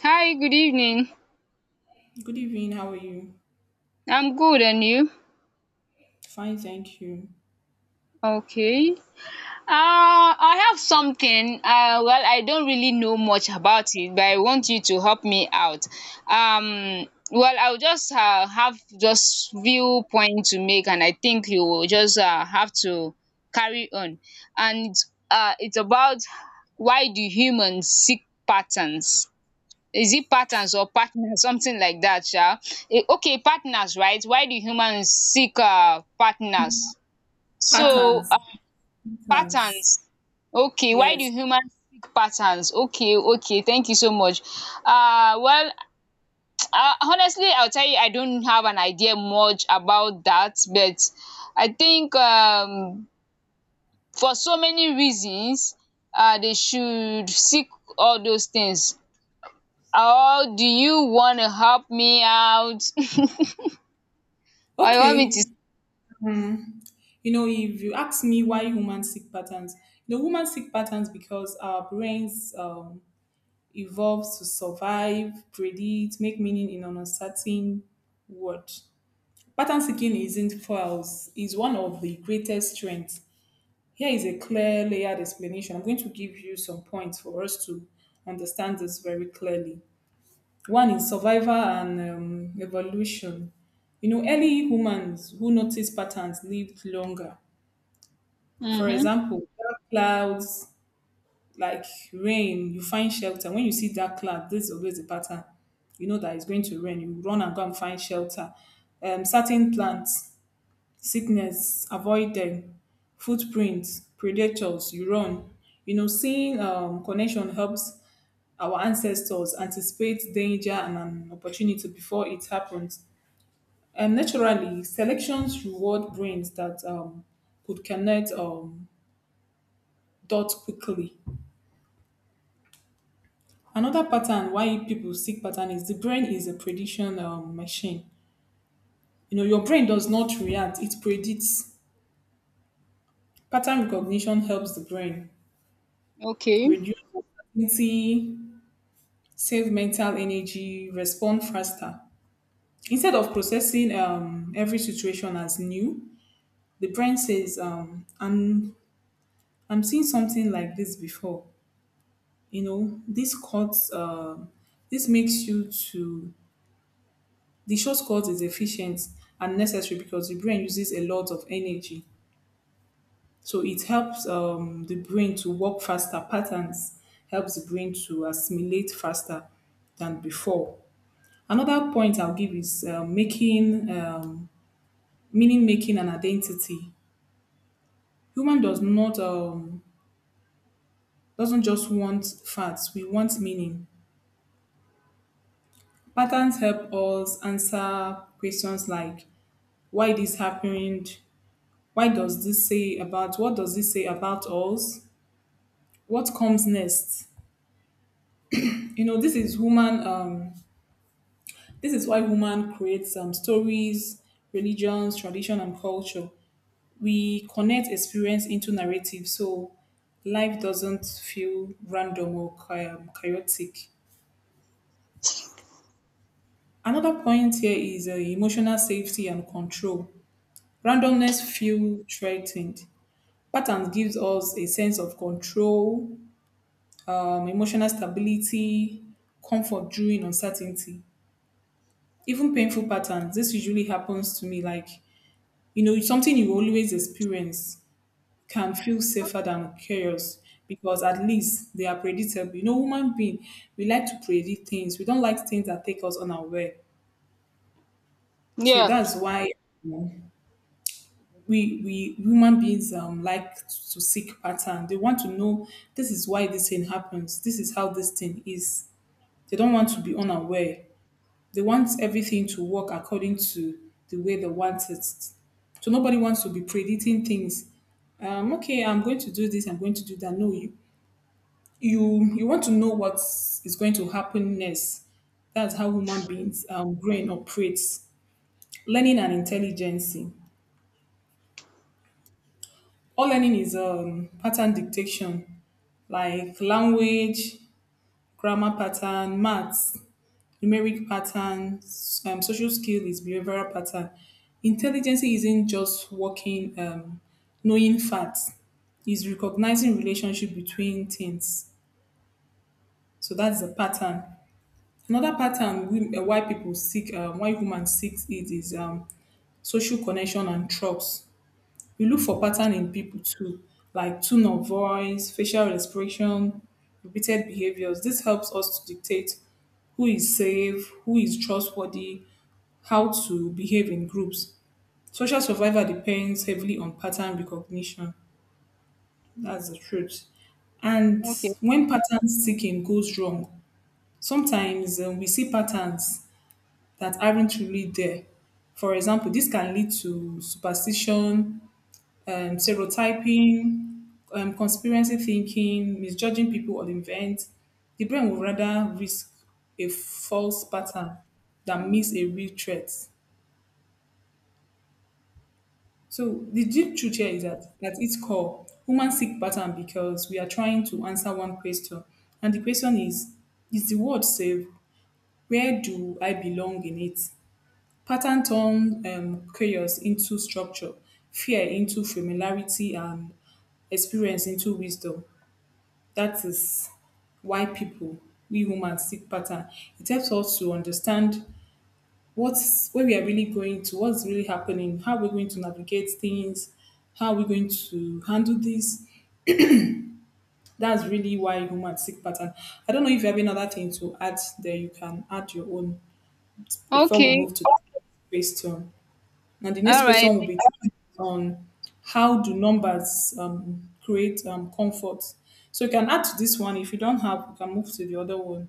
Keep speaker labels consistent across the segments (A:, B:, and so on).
A: Hi, good evening.
B: Good evening. How are you?
A: I'm good, and you?
B: Fine, thank you.
A: Okay. I have something. Well, I don't really know much about it, but I want you to help me out. Um, well, I'll just have just few point to make, and I think you will just have to carry on. And it's about why do humans seek patterns? Is it patterns or partners something like that sha? Okay, partners, right? Why do humans seek partners? so
B: Patterns,
A: um patterns
B: patterns.
A: Okay, why do
B: Yes.
A: humans seek patterns? Okay, okay, thank you so much. Well, honestly, I'll tell you, I don't have an idea much about that, but I think for so many reasons they should seek all those things. Oh, do you want to help me out? Oh, you want me to.
B: Okay. Hmm. You know, if you ask me why humans seek patterns, you know, humans seek patterns because our brains evolved to survive, predict, make meaning in an uncertain world. Pattern seeking isn't false; is one of the greatest strengths. Here is a clear layered explanation. I'm going to give you some points for us to understand this very clearly. One is survival and evolution. You know, early humans who noticed patterns lived longer. For
A: Mm-hmm.
B: example, dark clouds like rain, you find shelter. When you see dark cloud, there's always a pattern. You know that it's going to rain. You run and go and find shelter. Certain plants, sickness, avoid them. Footprints, predators, you run. You know, seeing connection helps our ancestors anticipate danger and an opportunity before it happens. And naturally, selections reward brains that could connect dots quickly. Another pattern why people seek pattern is the brain is a prediction machine. You know, your brain does not react; it predicts. Pattern recognition helps the brain
A: Okay.
B: reduce uncertainty, save mental energy, respond faster. Instead of processing every situation as new, the brain says, I'm seeing something like this before. You know, this this makes you to, the shortcut is efficient and necessary because the brain uses a lot of energy. So it helps the brain to work faster. Patterns helps the brain to assimilate faster than before. Another point I'll give is making meaning making an identity. Human does not Doesn't just want facts, we want meaning. Patterns help us answer questions like why this happened, why does this say about what does this say about us? What comes next? You know, this is why human creates stories, religions, tradition and culture. We connect experience into narrative so life doesn't feel random or chaotic. Another point here is emotional safety and control. Randomness feel threatened. Patterns gives us a sense of control, emotional stability, comfort during uncertainty. Even painful patterns, this usually happens to me like, you know, something you always experience can feel safer than chaos because at least they are predictable. You know, human being, we like to predict things. We don't like things that take us unaware. So
A: Yeah.
B: that's why, you know, we human beings like to seek pattern. They want to know this is why this thing happens. This is how this thing is. They don't want to be unaware. They want everything to work according to the way they want it. So nobody wants to be predicting things. Okay, I'm going to do this. I'm going to do that. No, you want to know what is going to happen next. That's how human beings brain operates. Learning and intelligence. All learning is pattern dictation, like language, grammar pattern, maths, numeric pattern, social skill is behavioral pattern. Intelligence isn't just knowing facts, it's recognizing relationship between things. So that's a pattern. Another pattern we, why people seek, why humans seek it is social connection and trust. We look for pattern in people too, like tone of voice, facial expression, repeated behaviors. This helps us to dictate who is safe, who is trustworthy, how to behave in groups. Social survival depends heavily on pattern recognition. That's the truth. And
A: Okay.
B: when pattern seeking goes wrong, sometimes we see patterns that aren't really there. For example, this can lead to superstition, stereotyping, conspiracy thinking, misjudging people or events. The brain would rather risk a false pattern than miss a real threat. So the deep truth here is that at its core, humans seek pattern because we are trying to answer one question, and the question is the world safe? Where do I belong in it? Pattern turn chaos into structure, fear into familiarity, and experience into wisdom. That is why people, we humans, seek pattern. It helps us to understand what's where we are really going to, what's really happening, how we're going to navigate things, how we're going to handle this. That's really why humans seek pattern. I don't know if you have another thing to add there. You can add your own before we
A: Okay.
B: move to the next question. Now, the next
A: All
B: question
A: right.
B: will be on how do numbers create comfort. So you can add to this one if you don't have. You can move to the other one.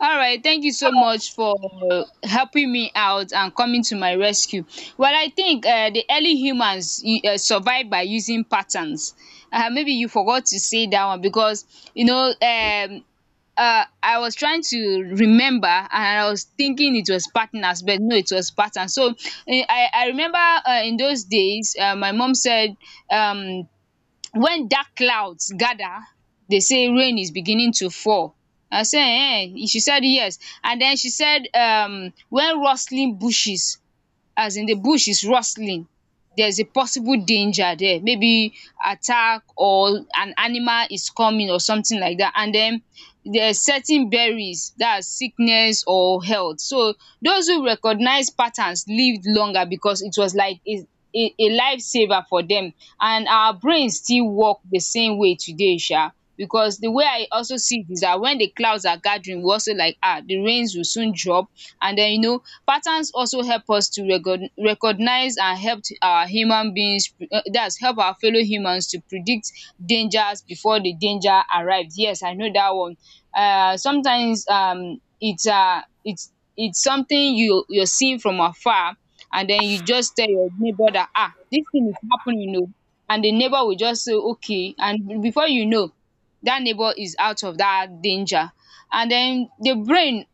A: All right. Thank you so much for helping me out and coming to my rescue. Well, I think the early humans survived by using patterns. Maybe you forgot to say that one because, you know, I was trying to remember and I was thinking it was partners, but no, it was patterns. So I remember in those days, my mom said, um, when dark clouds gather they say rain is beginning to fall. I say ehen. She said yes. And then she said when rustling bushes, as in the bush is rustling, there's a possible danger there, maybe attack or an animal is coming or something like that. And then there are certain berries, that's sickness or health. So those who recognize patterns lived longer because it was like a a lifesaver for them, and our brains still work the same way today. Because the way I also see it is that when the clouds are gathering, we also like, ah, the rains will soon drop. And then, you know, patterns also help us to recognize and help to our human beings, that's help our fellow humans to predict dangers before the danger arrives. Yes, I know that one. Sometimes it's it's something you, you're seeing from afar, and then you just tell your neighbor that, ah, this thing is happening o, and the neighbor will just say okay, and before you know, that neighbor is out of that danger. And then the brain,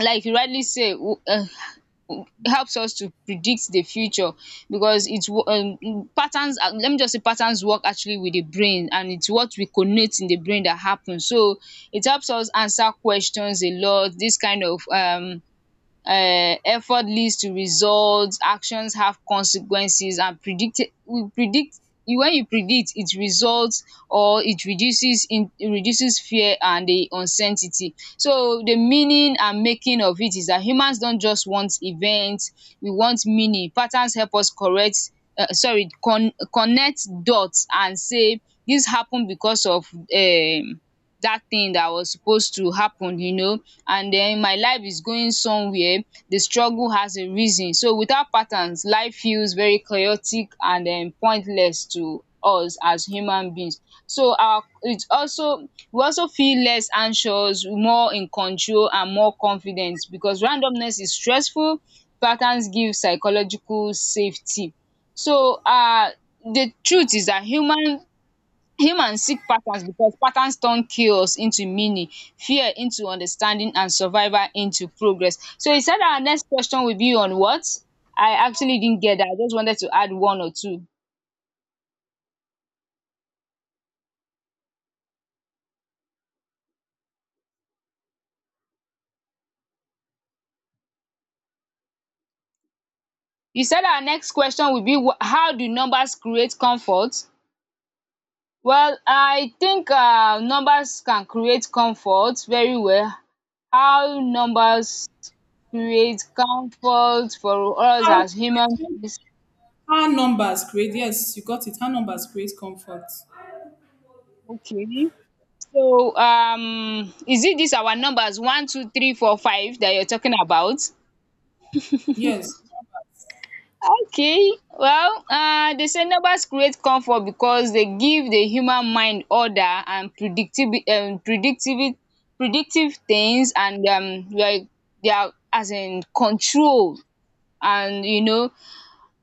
A: like you rightly say, um helps us to predict the future because it's patterns. Let me just say patterns work actually with the brain, and it's what we connect in the brain that happens. So it helps us answer questions a lot. This kind of effort leads to results, actions have consequences, and predict we predict. When you predict, it results, or it reduces in reduces fear and the uncertainty. So the meaning and making of it is that humans don't just want events, we want meaning. Patterns help us correct, sorry, connect dots and say this happen because of um that thing that was supposed to happen, you know, and then my life is going somewhere, the struggle has a reason. So without patterns, life feels very chaotic and pointless to us as human beings. So our it also, we also feel less anxious, more in control, and more confident because randomness is stressful. Patterns give psychological safety. So the truth is that humans seek patterns because patterns turn chaos into meaning, fear into understanding, and survival into progress. So he said our next question will be on what. I actually didn't get that. I just wanted to add one or two. He said our next question will be how do numbers create comfort. Well, I think numbers can create comfort very well. How numbers create comfort for us
B: how
A: as humans is
B: how numbers create, yes, you got it. How numbers create comfort.
A: okay. So is it this our numbers one, two, three, four, five that you're talking about?
B: Yes.
A: Okay, well, they say numbers create comfort because they give the human mind order and predictive, predictive things, and like, they are as in control. And, you know,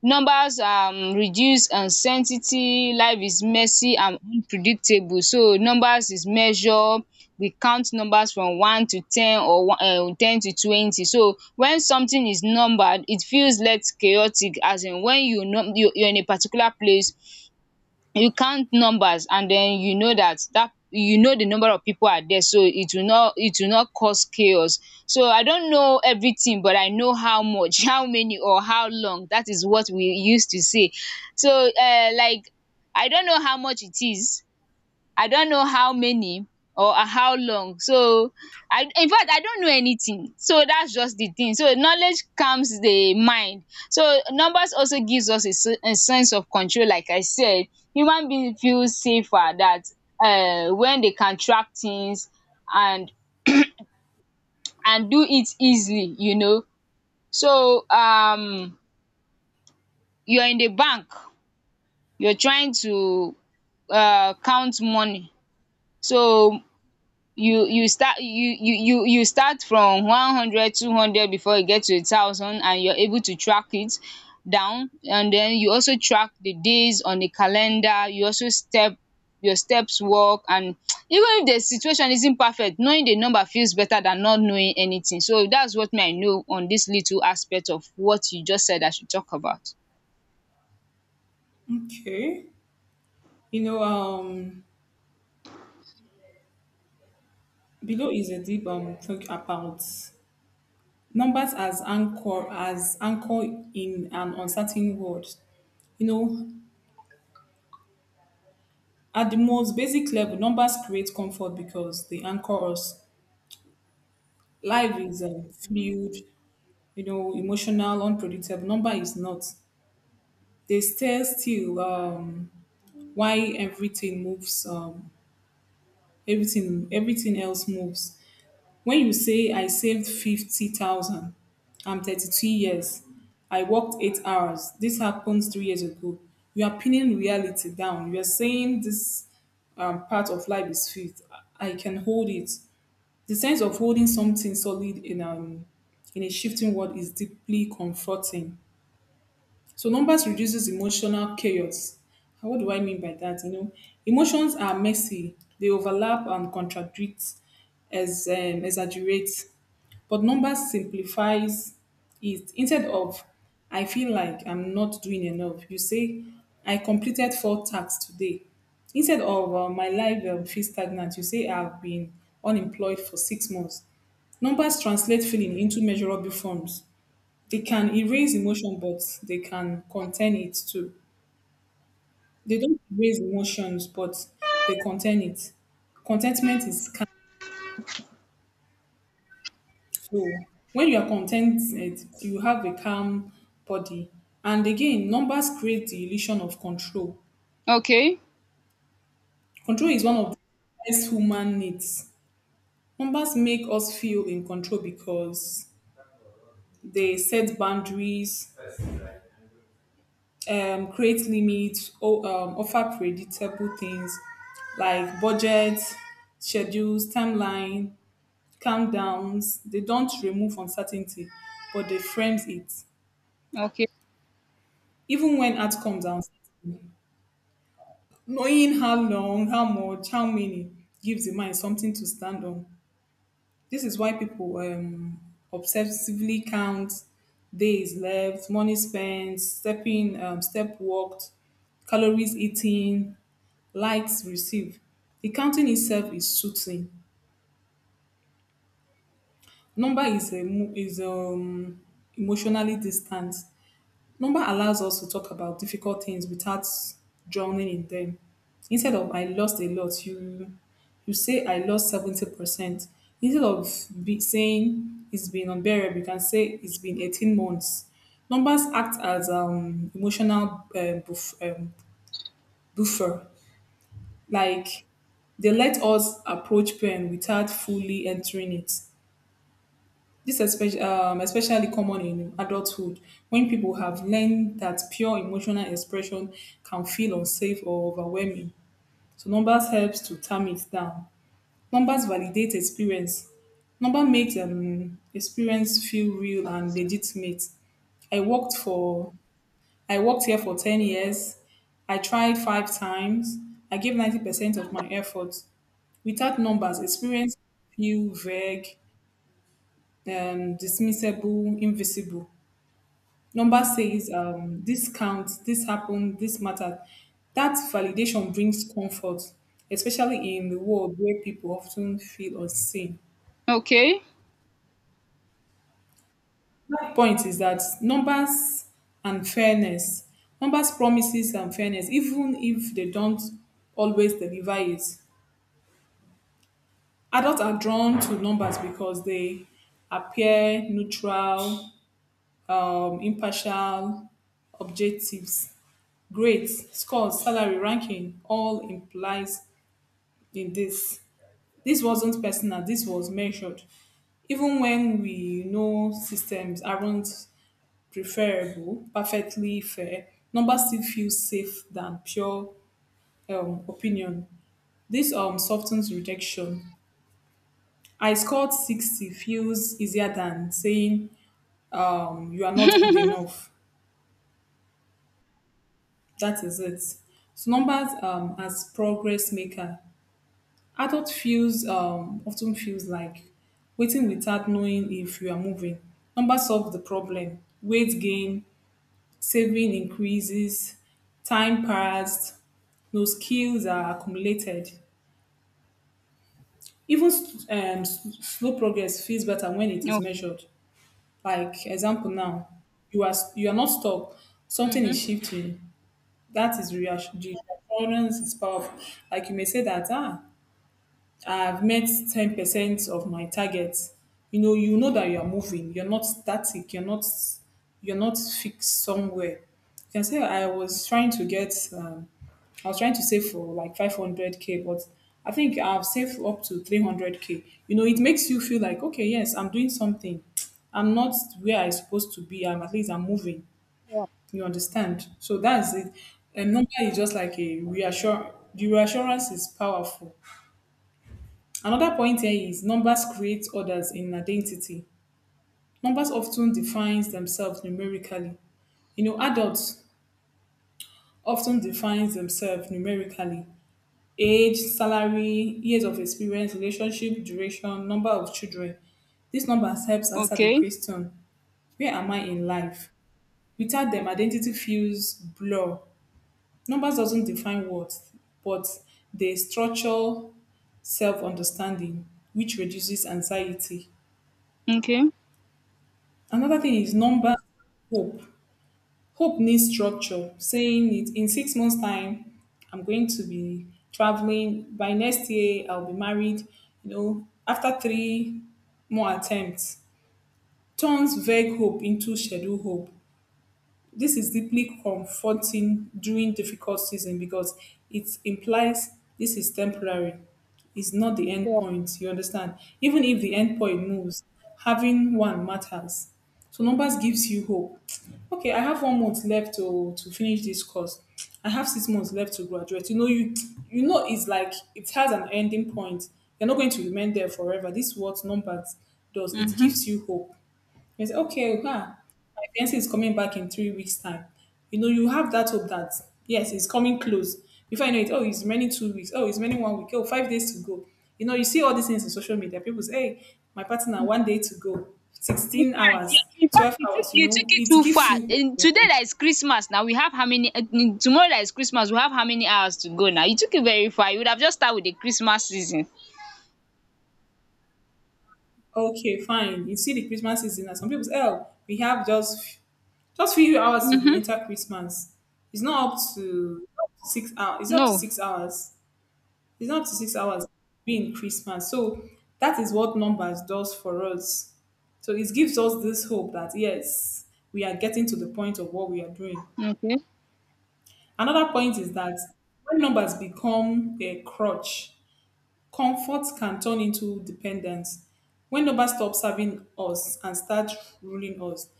A: numbers reduce uncertainty. Life is messy and unpredictable, so numbers is measure. We count numbers from 1 to 10, or one, 10 to 20. So when something is numbered, it feels less chaotic. As in, when you num you are in a particular place, you count numbers, and then you know that you know the number of people are there, so it will not, it will not cause chaos. So I don't know everything, but I know how much, how many, or how long. That is what we used to say. So like, I don't know how much it is, I don't know how many, or how long. So I, infact I don't know anything. So that's just the thing. So knowledge calms the mind. So numbers also gives us a a sense of control. Like I said, human being feels safer that when they can track things and and do it easily, you know. So you're in the bank, you're trying to count money. So you start you you you you start from one hundred, two hundred before you get to a thousand, and you're able to track it down. And then you also track the days on the calendar, you also step your steps work. And even if the situation isn't perfect, knowing the number feels better than not knowing anything. So that's what me, I know on this little aspect of what you just said I should talk about.
B: Okay. You know, below is a deep talk about numbers as anchor, as anchor in an uncertain world. You know, at the most basic level, numbers create comfort because they anchor us. Life is fluid. You know, emotional, unpredictable. Number is not. They stay still, why everything moves, everything else moves. When you say I saved 50,000, I'm 32 years. I worked 8 hours. This happened 3 years ago. You are pinning reality down. You are saying this part of life is fixed. I can hold it. The sense of holding something solid in a shifting world is deeply comforting. So numbers reduces emotional chaos. And what do I mean by that? You know, emotions are messy. They overlap and contradict, as exaggerate. But numbers simplifies it. Instead of I feel like I'm not doing enough, you say I completed four tasks today. Instead of my life feels stagnant, you say I've been unemployed for 6 months. Numbers translate feeling into measurable forms. They can erase emotion, but they can contain it too. They don't erase emotions, but they contain it. Contentment is calm. So when you are contented, you have a calm body. And again, numbers create the illusion of control.
A: Okay.
B: Control is one of the best human needs. Numbers make us feel in control because they set boundaries, create limits, offer predictable things like budgets, schedules, timeline, countdowns. They don't remove uncertainty, but they frames it.
A: Okay.
B: Even when art comes out, knowing how long, how much, how many gives the mind something to stand on. This is why people obsessively count days left, money spent, step walked, calories eaten, likes received. The counting itself is soothing. Number is emotionally distant. Number allows us to talk about difficult things without drowning in them. Instead of I lost a lot, you say I lost 70%. Instead of be saying it's been unbearable, you can say it's been 18 months. Numbers act as emotional buffer. Like they let us approach pain without fully entering it. This is especially especially common in adulthood when people have learned that pure emotional expression can feel unsafe or overwhelming. So numbers helps to tame it down. Numbers validate experience. Number makes experience feel real and legitimate. I worked for I worked here for 10 years. I tried five times. I gave 90% of my effort. Without numbers, experience feel vague, dismissible, invisible. Number says, this counts, this happened, this mattered. That validation brings comfort, especially in the world where people often feel unseen.
A: Okay.
B: My point is that numbers and fairness, numbers promises and fairness, even if they don't always deliver it. Adults are drawn to numbers because they appear neutral, impartial, objectives, grades, scores, salary, ranking, all implies in this. This wasn't personal, this was measured. Even when we know systems aren't perfectly fair, numbers still feel safe than pure opinion. This softens rejection. I scored 60 feels easier than saying you are not good enough. That is it. So numbers as progress maker. Adult feels often feels like waiting without knowing if you are moving. Numbers solve the problem. Weight gain, saving increases, time passed, no skills are accumulated. Even slow progress feels better when it is
A: No.
B: measured. Like example now, you are not stuck. Something is
A: Mm-hmm.
B: shifting. That is reassurance. The reassurance is powerful. Like you may say that ah, I've met 10% of my targets. You know that you are moving. You're not static. You're not fixed somewhere. You can say I was trying to save for like 500k, but I think I've saved up to 300k. You know, it makes you feel like, okay, yes, I'm doing something. I'm not where I'm supposed to be. I'm at least I'm moving. You understand? So that's it. A number is just like a reassure. The reassurance is powerful. Another point here is numbers create others in identity. Numbers often defines themselves numerically. You know, adults often defines themselves numerically. Age, salary, years of experience, relationship, duration, number of children. These numbers helps answer the
A: Okay.
B: question, where am I in life? Without them, identity feels blur. Numbers doesn't define worth, but they structure self-understanding, which reduces anxiety.
A: Okay.
B: Another thing is number hope. Hope needs structure, saying it in 6 months' time, I'm going to be traveling. By next year, I'll be married. You know, after three more attempts, turns vague hope into scheduled hope. This is deeply comforting during difficult season because it implies this is temporary. It's not the end point. You understand? Even if the end point moves, having one matters. So numbers gives you hope. Okay, I have one month left to finish this course. I have 6 months left to graduate. You know, you know it's like it has an ending point. You're not going to remain there forever. This is what numbers does. It
A: Mm-hmm.
B: gives you hope. It's okay, huh? My fiancé is coming back in 3 weeks' time. You know, you have that hope that yes, it's coming close. Before I know it, oh, it's many 2 weeks. Oh, it's many one week. Oh, 5 days to go. You know, you see all these things on social media. People say, hey, my partner, one day to go,
A: In
B: sixteen
A: fact, you,
B: hours,
A: in fact,
B: twelve
A: you took,
B: hours. You
A: you took
B: know,
A: it
B: it
A: too
B: gives
A: far.
B: you
A: In today
B: hope.
A: that is Christmas now, we have how many tomorrow that is Christmas, we have how many hours to go now? You took it very far. You would have just started with the Christmas season.
B: Okay, fine. You see the Christmas season, and some people say, oh, we have just few hours to be
A: Mm-hmm.
B: enter Christmas. It's not up to 6 hours. It's up to
A: No.
B: 6 hours. It's not up to 6 hours being Christmas. So that is what numbers does for us. So it gives us this hope that yes, we are getting to the point of what we are doing.
A: Okay.
B: Another point is that when numbers become a crutch, comfort can turn into dependence. When numbers stop serving us and start ruling us,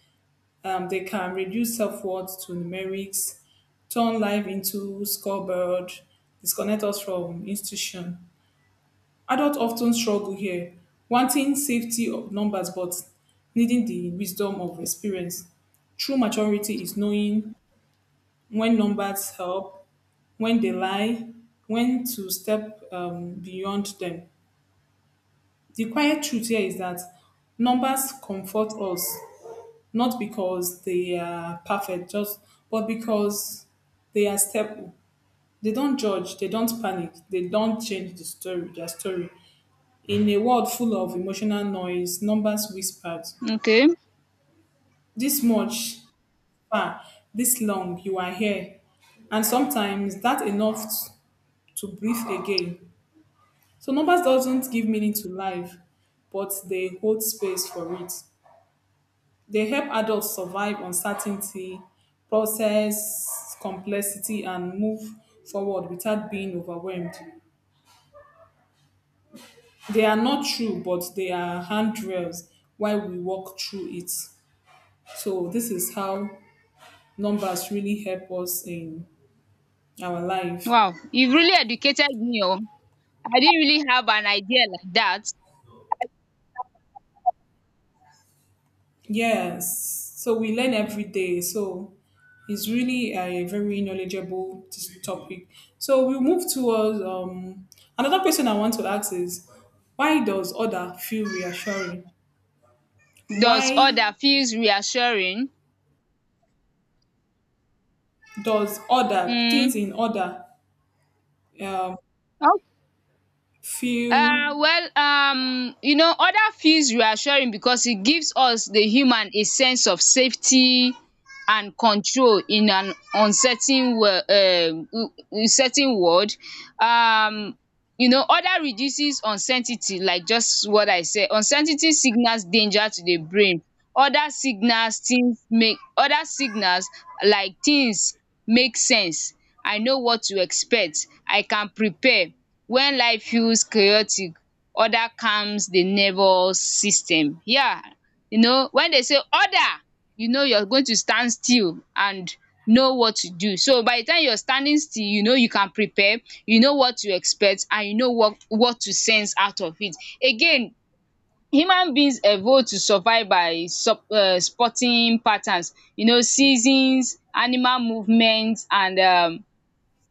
B: they can reduce self worth to numerics, turn life into scoreboard, disconnect us from institution. Adults often struggle here, wanting safety of numbers but needing the wisdom of experience. True maturity is knowing when numbers help, when they lie, when to step beyond them. The quiet truth here is that numbers comfort us not because they are perfect, just but because they are stable. They don't judge, they don't panic, they don't change the story, their story. In a world full of emotional noise, numbers whispered,
A: Okay.
B: this much, far, this long, you are here. And sometimes that enough to breathe again. So numbers doesn't give meaning to life, but they hold space for it. They help adults survive uncertainty, process complexity, and move forward without being overwhelmed. They are not true, but they are handrails while we walk through it. So this is how numbers really help us in our life.
A: Wow. You've really educated me. Oh. I didn't really have an idea like that.
B: Yes. So we learn every day. So it's really a very knowledgeable topic. So we move towards another question I want to ask is why does order feel reassuring?
A: Does
B: Why
A: order feels reassuring?
B: does order, things
A: Mm.
B: in order, um, feel?
A: Well, you know, oda feels reassuring becos e gives us the human a sense of safety and control in an uncertain uncertain world. um you know, oda reduces uncertainty, like just what I said. Uncertainty signals danger to the brain. Other signals, things make other signals, like things make sense. I know what to expect. I can prepare. When life feels chaotic, order calms the nervous system. Yeah. You know, when they say order, you know you're going to stand still and know what to do. So by the time you're standing still, you know you can prepare, you know what to expect, and you know what to sense out of it. Again, human beings evolve to survive by sup spotting patterns, you know, seasons, animal movement, and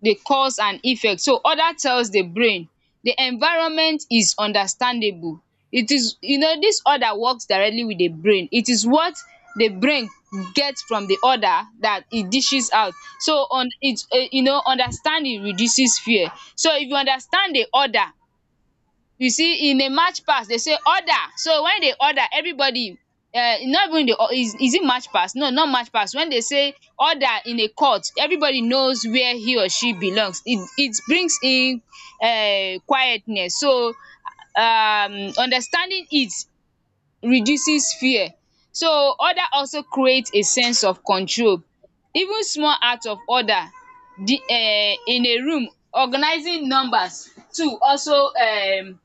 A: the cause and effect. So other tells the brain the environment is understandable. It is, you know, this other works directly with the brain. It is what the brain gets from the other that it dishes out. So on it, you know, understanding reduces fear. So if you understand the other, you see in a march past they say order. So when they order everybody, not even the, oh, is it march past, no, not march past, when they say order in a court, everybody knows where he or she belongs. It brings in quietness. So understanding it reduces fear. So order also creates a sense of control. Even small act of order, the, in a room, organizing numbers too also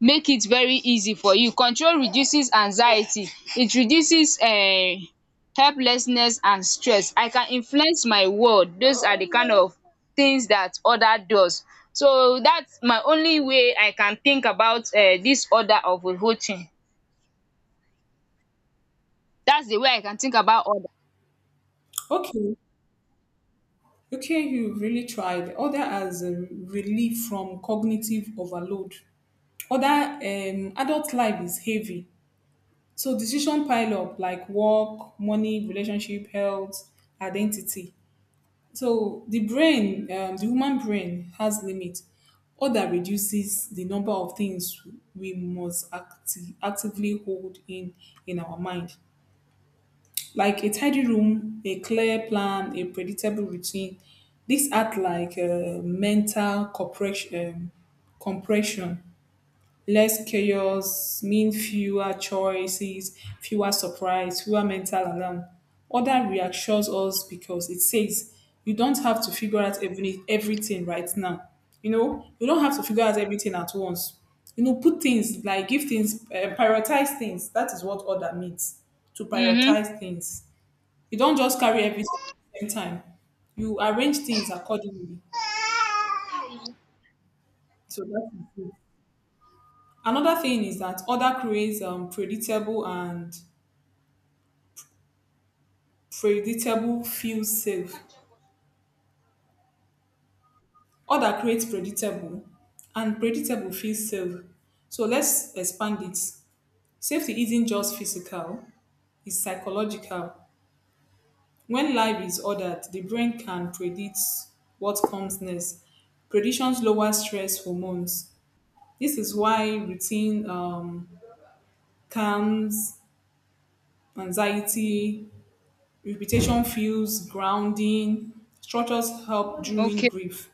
A: make it very easy for you. Control reduces anxiety, it reduces helplessness and stress. I can influence my world. Those are the kind of things that order does. So that's my only way I can think about this order of a whole thing. That's the way I can think about order.
B: Okay? Okay, you really tried. Order as a relief from cognitive overload. Other adult life is heavy, so decision pile up like work, money, relationship, health, identity. So the human brain has limit. All that reduces the number of things we must actively hold in our mind, like a tidy room, a clear plan, a predictable routine. These act like mental compression. Less chaos means fewer choices, fewer surprise, fewer mental alarm. Order reassures us because it says you don't have to figure out everything right now. You know, you don't have to figure out everything at once. You know, put things like give things, prioritize things. That is what order means to
A: Hmm.
B: prioritize things. You don't just carry everything at the same time, you arrange things accordingly. So that is it. Another thing is that order creates predictable, and predictable feels safe. Order creates predictable, and predictable feels safe. So let's expand it. Safety isn't just physical, it's psychological. When life is ordered, the brain can predict what comes next. Predictions lower stress hormones. This is why routine calms anxiety, repetition feels grounding, structures help during
A: Okay.
B: grief.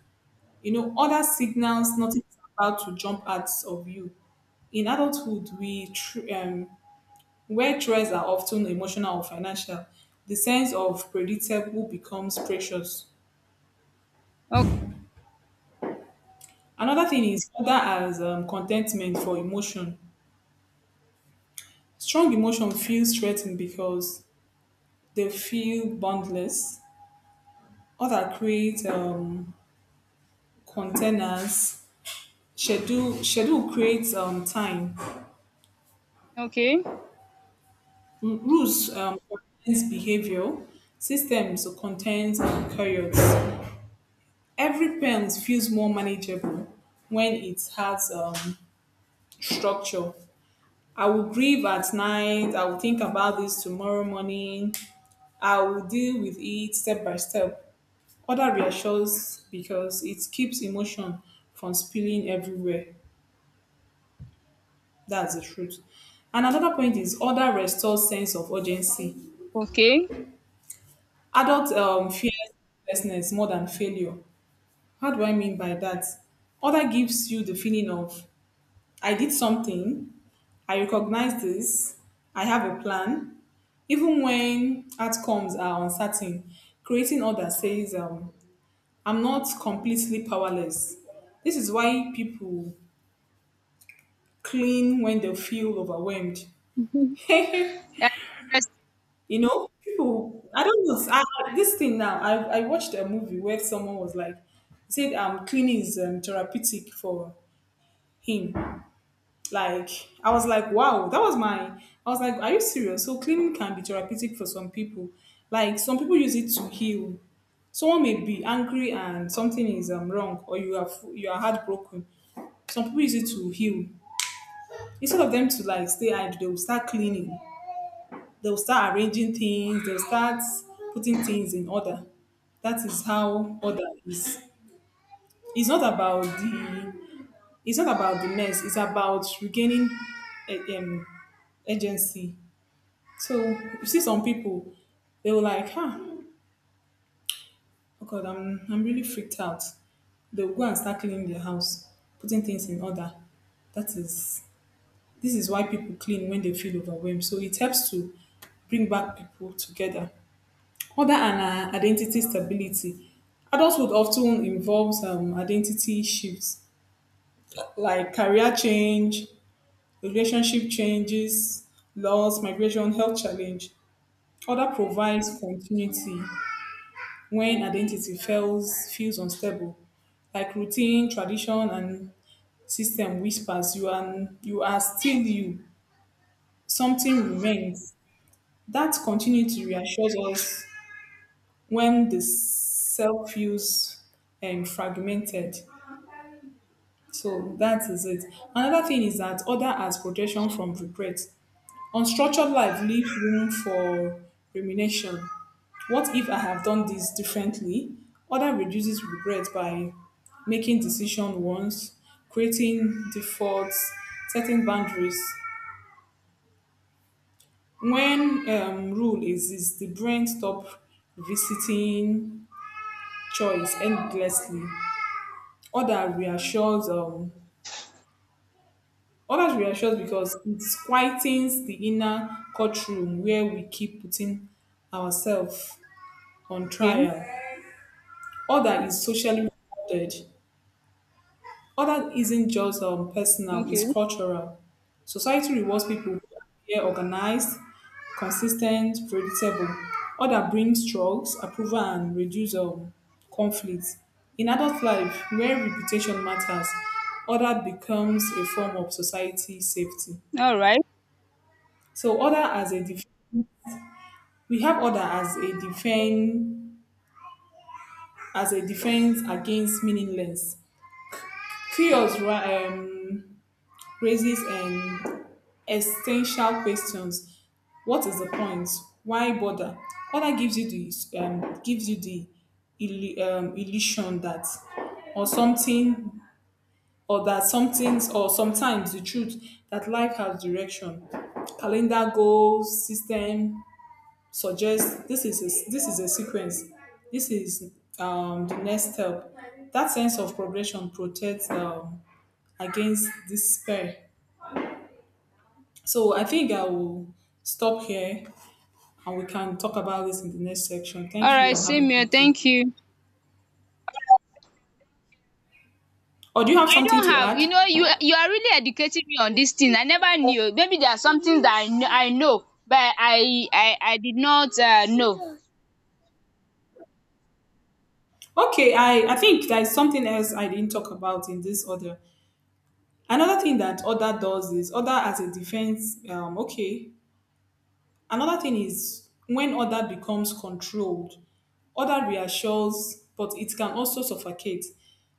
B: You know, other signals nothing is about to jump out of you. In adulthood, where threats are often emotional or financial, the sense of predictable becomes precious.
A: Okay.
B: Another thing is other as contentment for emotion. Strong emotion feels threatened because they feel boundless. Other create containers. Schedule creates time.
A: Okay.
B: Rules contains behavior, systems contains chariots. Every pen feels more manageable when it has structure. I will grieve at night. I will think about this tomorrow morning. I will deal with it step by step. Order reassures because it keeps emotion from spilling everywhere. That's the truth. And another point is order restores sense of urgency.
A: Okay.
B: Adult fear helplessness more than failure. How do I mean by that? Other gives you the feeling of I did something, I recognize this, I have a plan, even when outcomes are uncertain. Creating order says I'm not completely powerless. This is why people clean when they feel overwhelmed. you
A: That's
B: people. I don't know, this thing now. I watched a movie where someone was like said cleaning is therapeutic for him. Like I was like, wow, that was my I was like, are you serious? So cleaning can be therapeutic for some people. Like some people use it to heal. Someone may be angry and something is wrong, or you are heartbroken. Some people use it to heal. Instead of them to like stay idle, they will start cleaning. They will start arranging things. They'll start putting things in order. That is how order is. It's not about the mess. It's about regaining eh, um, agency. So you see some people, they were like, huh, oh God, I'm really freaked out. They'll go and start cleaning their house, putting things in order. That is, this is why people clean when they feel overwhelmed. So it helps to bring back people together. Other and identity stability. Adulthood often involves identity shifts like career change, relationship changes, laws, migration, health challenge. Other provides continuity when identity feels unstable, like routine, tradition, and system whispers you are still you. Something remains. That continuity reassures us when the self feels fragmented. So that is it. Another thing is that order as protection from regret. Unstructured life leaves room for rumination. What if I have done this differently? Other reduces regret by making decision once, creating defaults, setting boundaries. When rule exists, the brain stop visiting choice endlessly. Other reassures um, others reassures because it quietens the inner courtroom where we keep putting ourselves on
A: interesting.
B: trial.
A: Okay.
B: Other is socially rewarded. Order isn't just personal, it's
A: Okay.
B: cultural. Society rewards people who appear organized, consistent, predictable. Order brings trust, approval, and reduce conflict. In adult life, where reputation matters, order becomes a form of society safety.
A: alright
B: So order we have order as a defense against meaningless. Chaos um, raises and essential questions: what is the point? Why bother? All that gives you the illusion that or something or that something or sometimes the truth that life has direction. Calendar goals system suggests this is a sequence. This is the next step. That sense of progression protects against despair. So I think I will stop here and we can talk about this in the next section. Thank you
A: alright
B: and have a
A: same here,
B: good day.
A: thank you.
B: Or do you have
A: I
B: something
A: don't
B: to
A: have.
B: add?
A: You know, you are really educating me on this thing. I never knew. Maybe there are some things that I know, I know, but I did not know.
B: Okay, I think there is something else I didn't talk about in this order. Another thing that order does is order as a defense. Okay. Another thing is when order becomes controlled, order reassures, but it can also suffocate.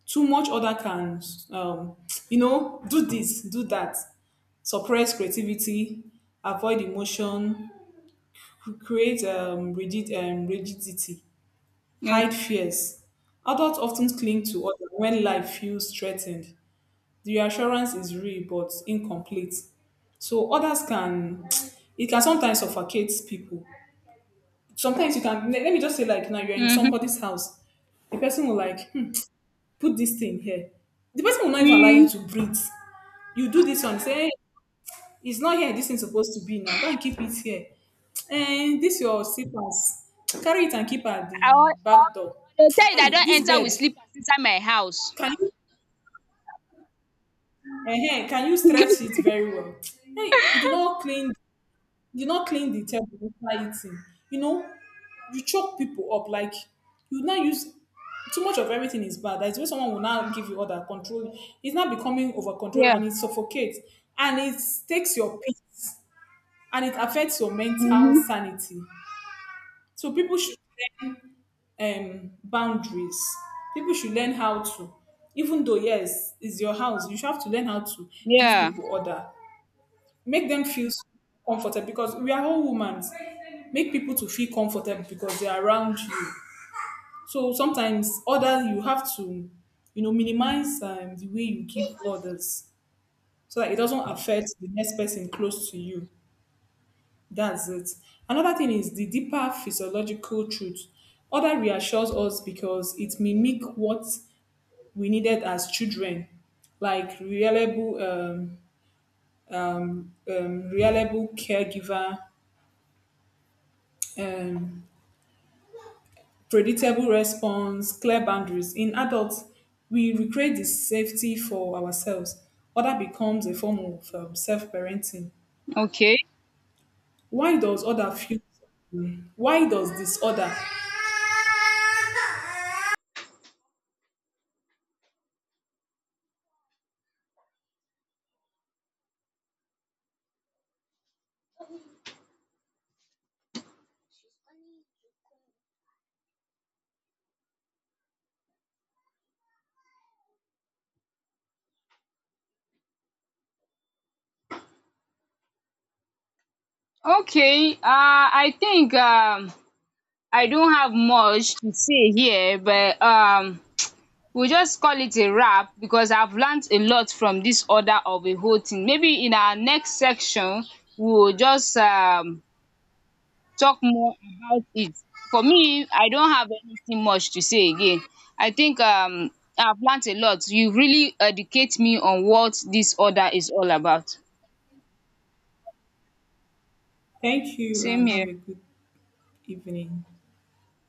B: Too much order can, um, do this, do that, suppress creativity, avoid emotion, create rigidity,
A: No.
B: hide fears. Adults often cling to others when life feels threatened. The reassurance is real but incomplete. So it can sometimes suffocate people. Sometimes you can, let let me just say, like, now you're in
A: Mm-hmm.
B: somebody's house. The person will like, put this thing here. The person will not even allow you
A: Mm.
B: to breathe. You do this one, say, "Eh, it's not here this thing's supposed to be now. Go and keep it here. And this your slippers. Carry it and keep at
A: I, al-
B: the
A: I,
B: back door.
A: the time that I
B: Hey,
A: don't
B: this
A: enter
B: bed.
A: with slippers inside my house.
B: Can you can you stretch it
A: Yeah.
B: very well? Hey, you did not clean the table after eating. You know, you choke people up like you now use too much of everything is bad. That's why someone will now give you order control. It's now becoming over control, and it suffocates and it takes your peace and it affects your mental
A: Mm-hmm.
B: sanity. So people should learn boundaries. People should learn how to, even though yes, it's your house, you should have to learn how to give
A: Yeah.
B: people order, make them feel comfortable, because we are all women. Make people to feel comfortable because they are around you. So sometimes order you have to, minimize the way you give orders so that it doesn't affect the next person close to you. That's it. Another thing is the deeper physiological truth. Other reassures us because it mimic what we needed as children, like reliable caregiver, um, predictable response, clear boundaries. In adults, we recreate the safety for ourselves. Other becomes a form of self-parenting.
A: Okay.
B: Why does other feel? Why does disorder?
A: Okay. I think I don't have much to say here, but we'll just call it a wrap because I've learned a lot from this order of a whole thing. Maybe in our next section, we'll just talk more about it. For me, I don't have anything much to say again. I think I've learned a lot. You really educate me on what this order is all about.
B: Thank you
A: Same
B: and have
A: here.
B: a good evening.